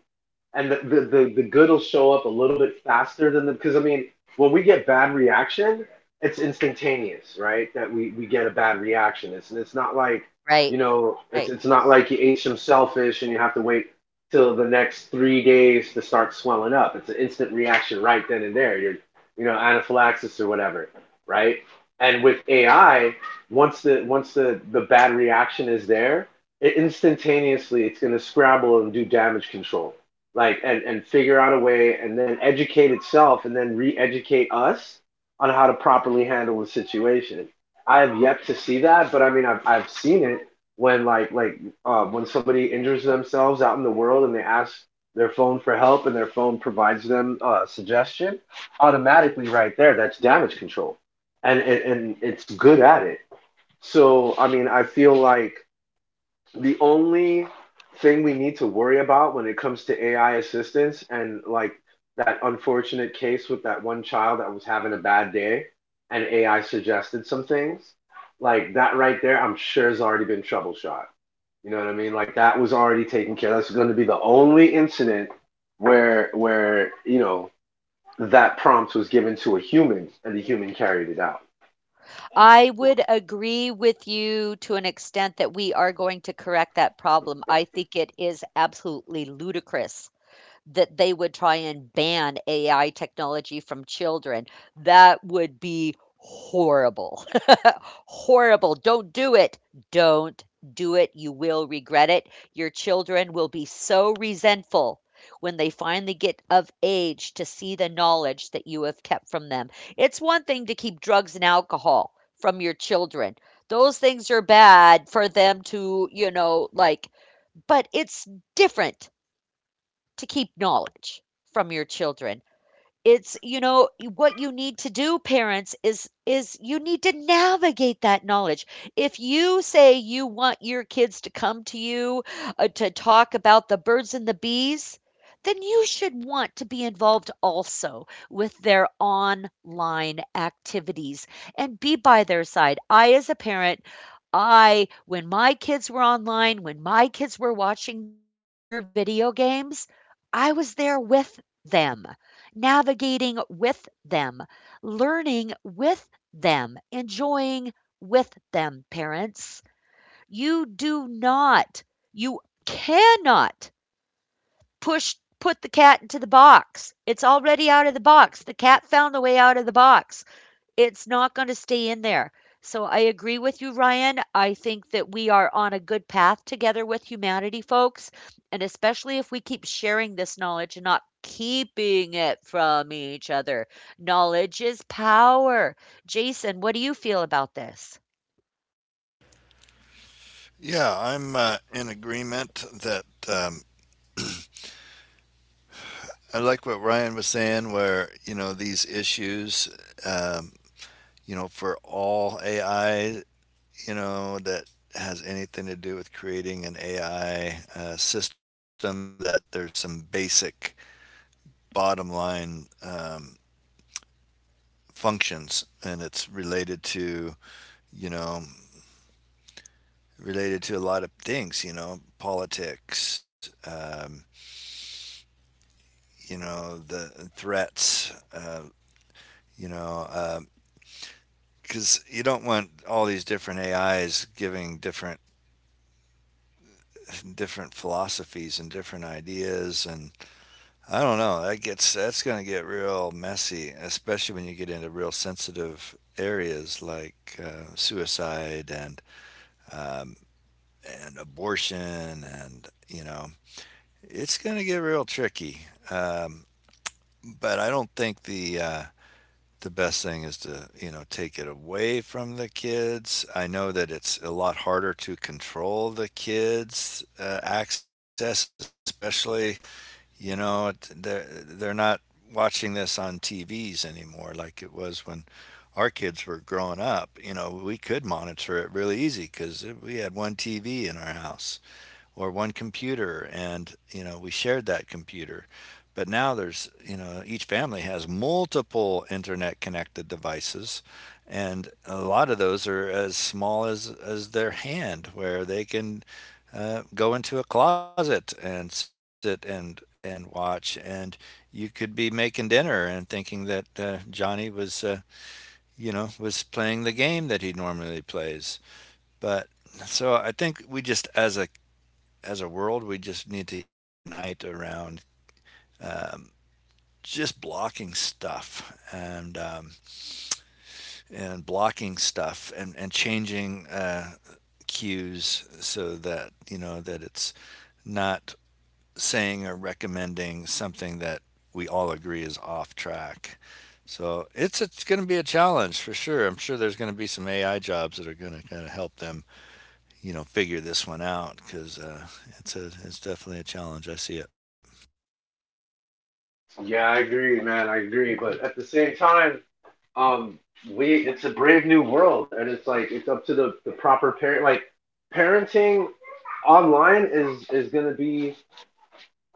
S2: and the, the the the good will show up a little bit faster than the, because I mean, when we get bad reaction, it's instantaneous, right? That we we get a bad reaction. It's it's not like, you know,
S1: Right.
S2: it's it's not
S1: Right.
S2: like you ate some shellfish and you have to wait till the next three days to start swelling up. It's an instant reaction right then and there. You're you know anaphylaxis or whatever, right? And with A I, once the once the the bad reaction is there, it instantaneously it's going to scramble and do damage control, like and, and figure out a way and then educate itself and then re-educate us on how to properly handle the situation. I have yet to see that, but I mean i've, I've seen it when like like uh, when somebody injures themselves out in the world and they ask their phone for help and their phone provides them a suggestion automatically right there. That's damage control, and and, and it's good at it. So I mean I feel like the only thing we need to worry about when it comes to A I assistance and like that unfortunate case with that one child that was having a bad day and A I suggested some things, like that right there, I'm sure has already been troubleshot. You know what I mean? Like that was already taken care of. That's going to be the only incident where where you know that prompt was given to a human and the human carried it out.
S1: I would agree with you to an extent that we are going to correct that problem. I think it is absolutely ludicrous that they would try and ban A I technology from children. That would be horrible. (laughs) Horrible. Don't do it. Don't do it. You will regret it. Your children will be so resentful when they finally get of age to see the knowledge that you have kept from them. It's one thing to keep drugs and alcohol from your children. Those things are bad for them to, you know, like, but it's different to keep knowledge from your children. It's, you know, what you need to do, parents, is is you need to navigate that knowledge. If you say you want your kids to come to you uh, to talk about the birds and the bees, then you should want to be involved also with their online activities and be by their side. I, as a parent, I, when my kids were online, when my kids were watching their video games, I was there with them, navigating with them, learning with them, enjoying with them, parents. You do not, you cannot push put the cat into the box. It's already out of the box. The cat found a way out of the box. It's not going to stay in there. So I agree with you, Ryan. I think that we are on a good path together with humanity, folks. And especially if we keep sharing this knowledge and not keeping it from each other. Knowledge is power. Jason, what do you feel about this?
S3: Yeah, I'm uh, in agreement that um, I like what Ryan was saying, where, you know, these issues, um, you know, for all A I, you know, that has anything to do with creating an A I uh, system, that there's some basic bottom line um, functions, and it's related to, you know, related to a lot of things, you know, politics, um, you know, the threats, uh, you know, because uh, you don't want all these different A Is giving different different philosophies and different ideas. And I don't know, that gets, that's going to get real messy, especially when you get into real sensitive areas like uh, suicide and um, and abortion, and you know it's going to get real tricky. um, but I don't think the uh, the best thing is to you know take it away from the kids. I know that it's a lot harder to control the kids uh, access, especially you know they're they're not watching this on tvs anymore like it was when our kids were growing up. You know we could monitor it really easy because we had one tv in our house or one computer and you know we shared that computer. But now there's you know each family has multiple internet connected devices, and a lot of those are as small as as their hand where they can uh, go into a closet and sit and and watch. And you could be making dinner and thinking that uh, johnny was uh, you know was playing the game that he normally plays. But so I think we just as a as a world, we just need to unite around um, just blocking stuff and um, and blocking stuff and and changing uh, cues so that you know that it's not saying or recommending something that we all agree is off track. So it's it's going to be a challenge for sure. I'm sure there's going to be some A I jobs that are going to kind of help them, you know, figure this one out because uh, it's a it's definitely a challenge. I see it.
S2: Yeah, I agree, man. I agree. But at the same time, um we, it's a brave new world and it's like it's up to the, the proper parent. Like parenting online is is gonna be,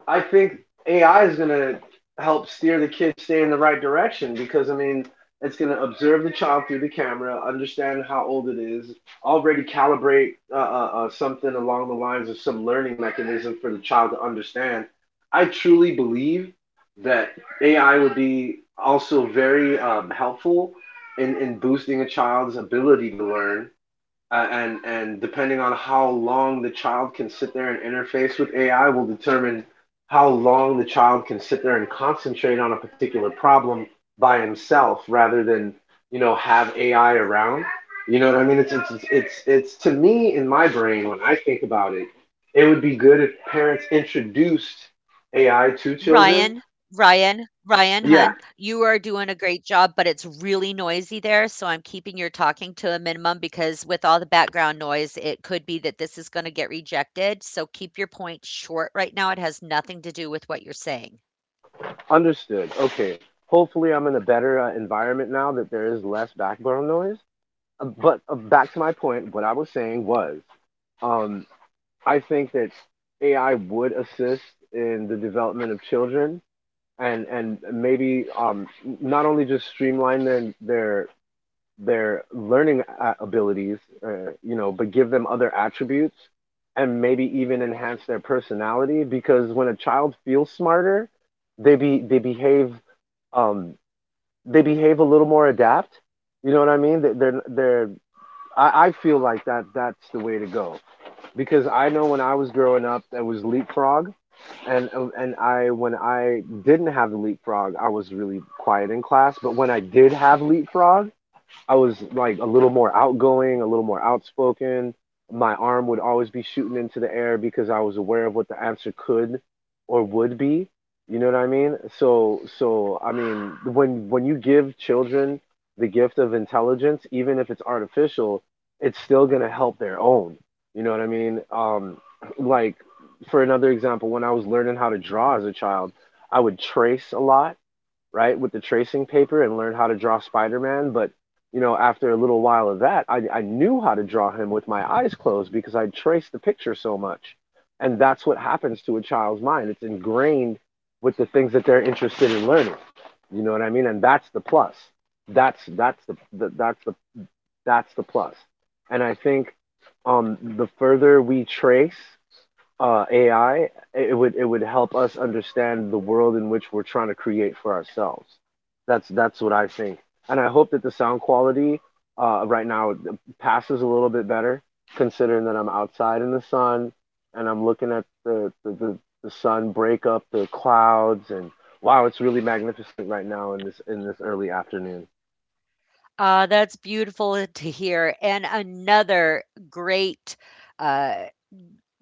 S2: I think A I is going to help steer the kids, stay in the right direction, because I mean it's going to observe the child through the camera, understand how old it is, already calibrate uh, uh, uh, something along the lines of some learning mechanism for the child to understand. I truly believe that A I would be also very um, helpful in, in boosting a child's ability to learn, uh, and and depending on how long the child can sit there and interface with A I will determine how long the child can sit there and concentrate on a particular problem by himself, rather than you know, have A I around. You know what I mean? It's it's it's it's, it's to me, in my brain, when I think about it, it would be good if parents introduced A I to
S1: Ryan,
S2: children.
S1: Ryan, Ryan, hun, you
S2: Yeah,
S1: are doing a great job, but it's really noisy there, so I'm keeping your talking to a minimum because with all the background noise, it could be that this is going to get rejected. So keep your point short right now. It has nothing to do with what you're saying.
S2: understood. Okay. Hopefully I'm in a better uh, environment now that there is less background noise. Uh, But uh, back to my point, what I was saying was, um, I think that A I would assist in the development of children, and and maybe um, not only just streamline their their their learning uh, abilities, uh, you know, but give them other attributes, and maybe even enhance their personality, because when a child feels smarter, they be they behave, um, they behave a little more adapt. You know what I mean? They- They're they're, I, I feel like that that's the way to go. Because I know when I was growing up, it was Leapfrog, and uh, and I, when I didn't have the Leapfrog, I was really quiet in class. But when I did have Leapfrog, I was like a little more outgoing, a little more outspoken. My arm would always be shooting into the air because I was aware of what the answer could or would be. You know what I mean? So, so I mean, when, when you give children the gift of intelligence, even if it's artificial, it's still gonna help their own. You know what I mean? Um, (clears throat) like for another example, when I was learning how to draw as a child, I would trace a lot, right, with the tracing paper, and learned how to draw Spider Man. But, you know, after a little while of that, I, I knew how to draw him with my eyes closed because I traced the picture so much. And that's what happens to a child's mind. It's ingrained with the things that they're interested in learning. You know what I mean? And that's the plus. That's that's the, the that's the that's the plus. And I think, um, the further we trace uh, A I, it would it would help us understand the world in which we're trying to create for ourselves. That's that's what I think, and I hope that the sound quality uh, right now passes a little bit better, considering that I'm outside in the sun, and I'm looking at the the, the, the sun break up the clouds, and wow, it's really magnificent right now in this in this early afternoon.
S1: Ah, that's beautiful to hear. And another great uh,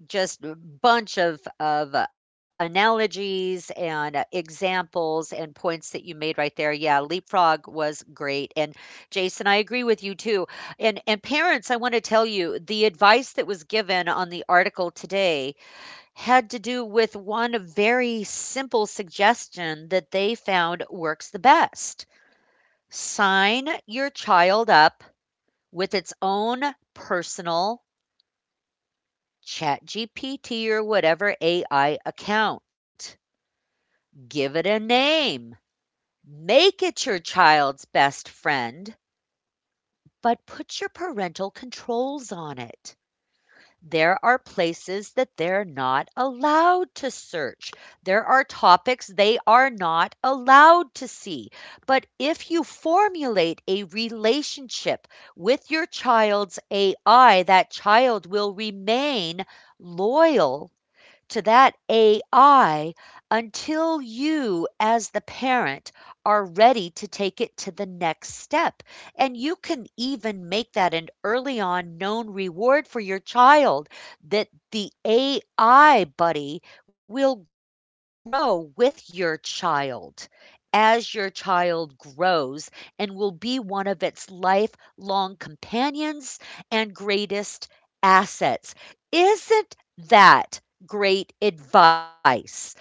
S1: just a bunch of of uh, analogies and uh, examples and points that you made right there. Yeah, leapfrog was great. And Jason, I agree with you too. And and parents, I want to tell you the advice that was given on the article today had to do with one very simple suggestion that they found works the best. Sign your child up with its own personal ChatGPT or whatever A I account. Give it a name. Make it your child's best friend, but put your parental controls on it. There are places that they're not allowed to search. There are topics they are not allowed to see. But if you formulate a relationship with your child's A I, that child will remain loyal to that A I until you, as the parent, are ready to take it to the next step. And you can even make that an early on known reward for your child that the A I buddy will grow with your child as your child grows and will be one of its lifelong companions and greatest assets. Isn't that great advice?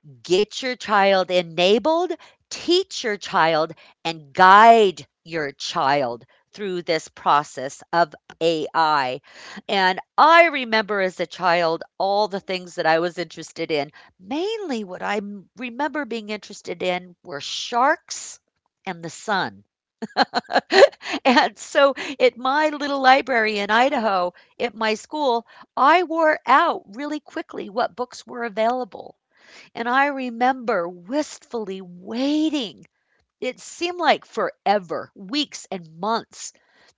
S1: Get your child enabled, teach your child, and guide your child through this process of A I. And I remember as a child all the things that I was interested in. Mainly, what I m- remember being interested in were sharks and the sun. (laughs) And so at my little library in Idaho, at my school, I wore out really quickly what books were available. And I remember wistfully waiting. It seemed like forever, weeks and months,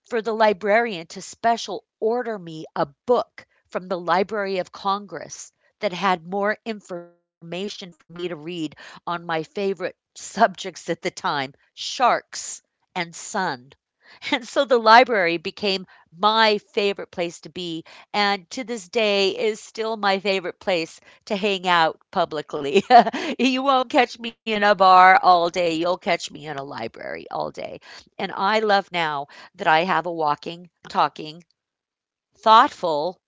S1: for the librarian to special order me a book from the Library of Congress that had more information for me to read on my favorite subjects at the time, sharks and sun. (laughs) And so the library became my favorite place to be, and to this day is still my favorite place to hang out publicly. (laughs) You won't catch me in a bar all day. You'll catch me in a library all day. And I love now that I have a walking, talking, thoughtful,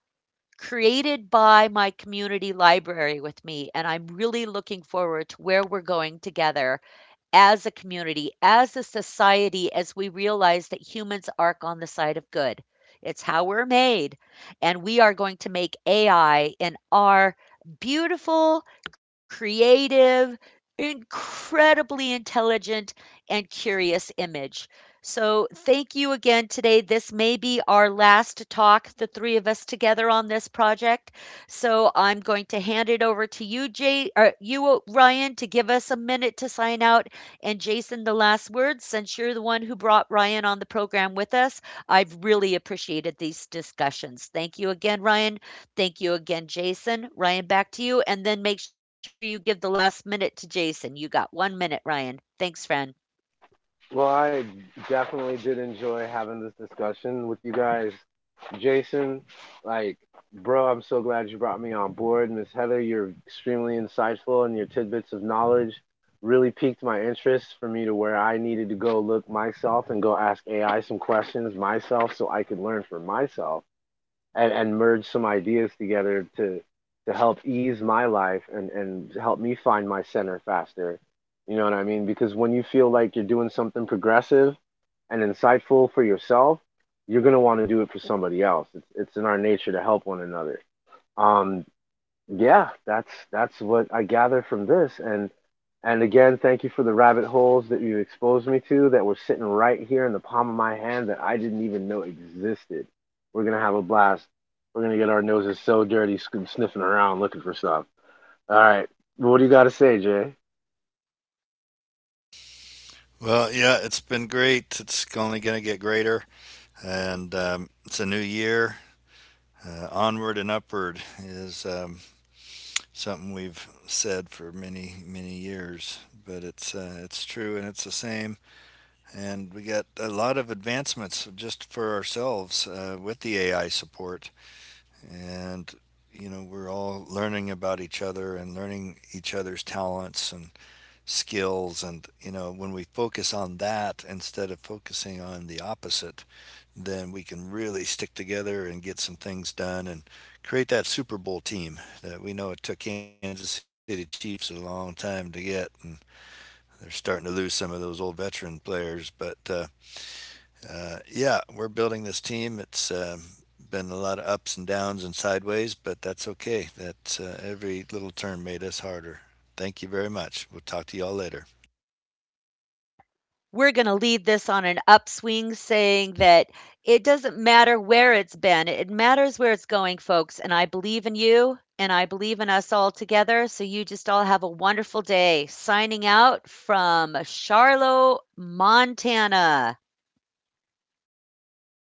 S1: created by my community library with me. And I'm really looking forward to where we're going together as a community, as a society, as we realize that humans are on the side of good. It's how we're made. And we are going to make A I in our beautiful, creative, incredibly intelligent, and curious image. So, thank you again today. This may be our last talk, the three of us together on this project. So, I'm going to hand it over to you, Jay, or you, Ryan, to give us a minute to sign out, and Jason, the last word, since you're the one who brought Ryan on the program with us, I've really appreciated these discussions. Thank you again, Ryan. Thank you again, Jason. Ryan, back to you. And then make sure you give the last minute to Jason. You got one minute, Ryan. Thanks, friend.
S2: Well, I definitely did enjoy having this discussion with you guys. Jason, like, bro, I'm so glad you brought me on board. Miss Heather, you're extremely insightful, and your tidbits of knowledge really piqued my interest for me, to where I needed to go look myself and go ask A I some questions myself, so I could learn for myself, and and merge some ideas together, to to help ease my life, and and help me find my center faster. You know what I mean? Because when you feel like you're doing something progressive and insightful for yourself, you're going to want to do it for somebody else. It's, it's in our nature to help one another. um yeah, that's that's what I gather from this. And and again, thank you for the rabbit holes that you exposed me to, that were sitting right here in the palm of my hand, that I didn't even know existed. We're gonna have a blast. We're gonna get our noses so dirty, sc- sniffing around looking for stuff. All right, what do you got to say, Jay?
S3: Well, yeah, it's been great. It's only going to get greater. And um, it's a new year. Uh, onward and upward is um, something we've said for many, many years. But it's uh, it's true and it's the same. And we got a lot of advancements just for ourselves uh, with the A I support. And you know, we're all learning about each other and learning each other's talents and skills. And you know when we focus on that instead of focusing on the opposite, then we can really stick together and get some things done and create that Super Bowl team that we know it took Kansas City Chiefs a long time to get. And they're starting to lose some of those old veteran players, but uh, uh, yeah, we're building this team. It's um, been a lot of ups and downs and sideways, but that's okay. That uh, every little turn made us harder. Thank you very much, we'll talk to y'all later.
S1: We're going to lead this on an upswing saying that it doesn't matter where it's been, it matters where it's going, folks. And I believe in you and I believe in us all together. So you just all have a wonderful day. Signing out from Charlotte, Montana.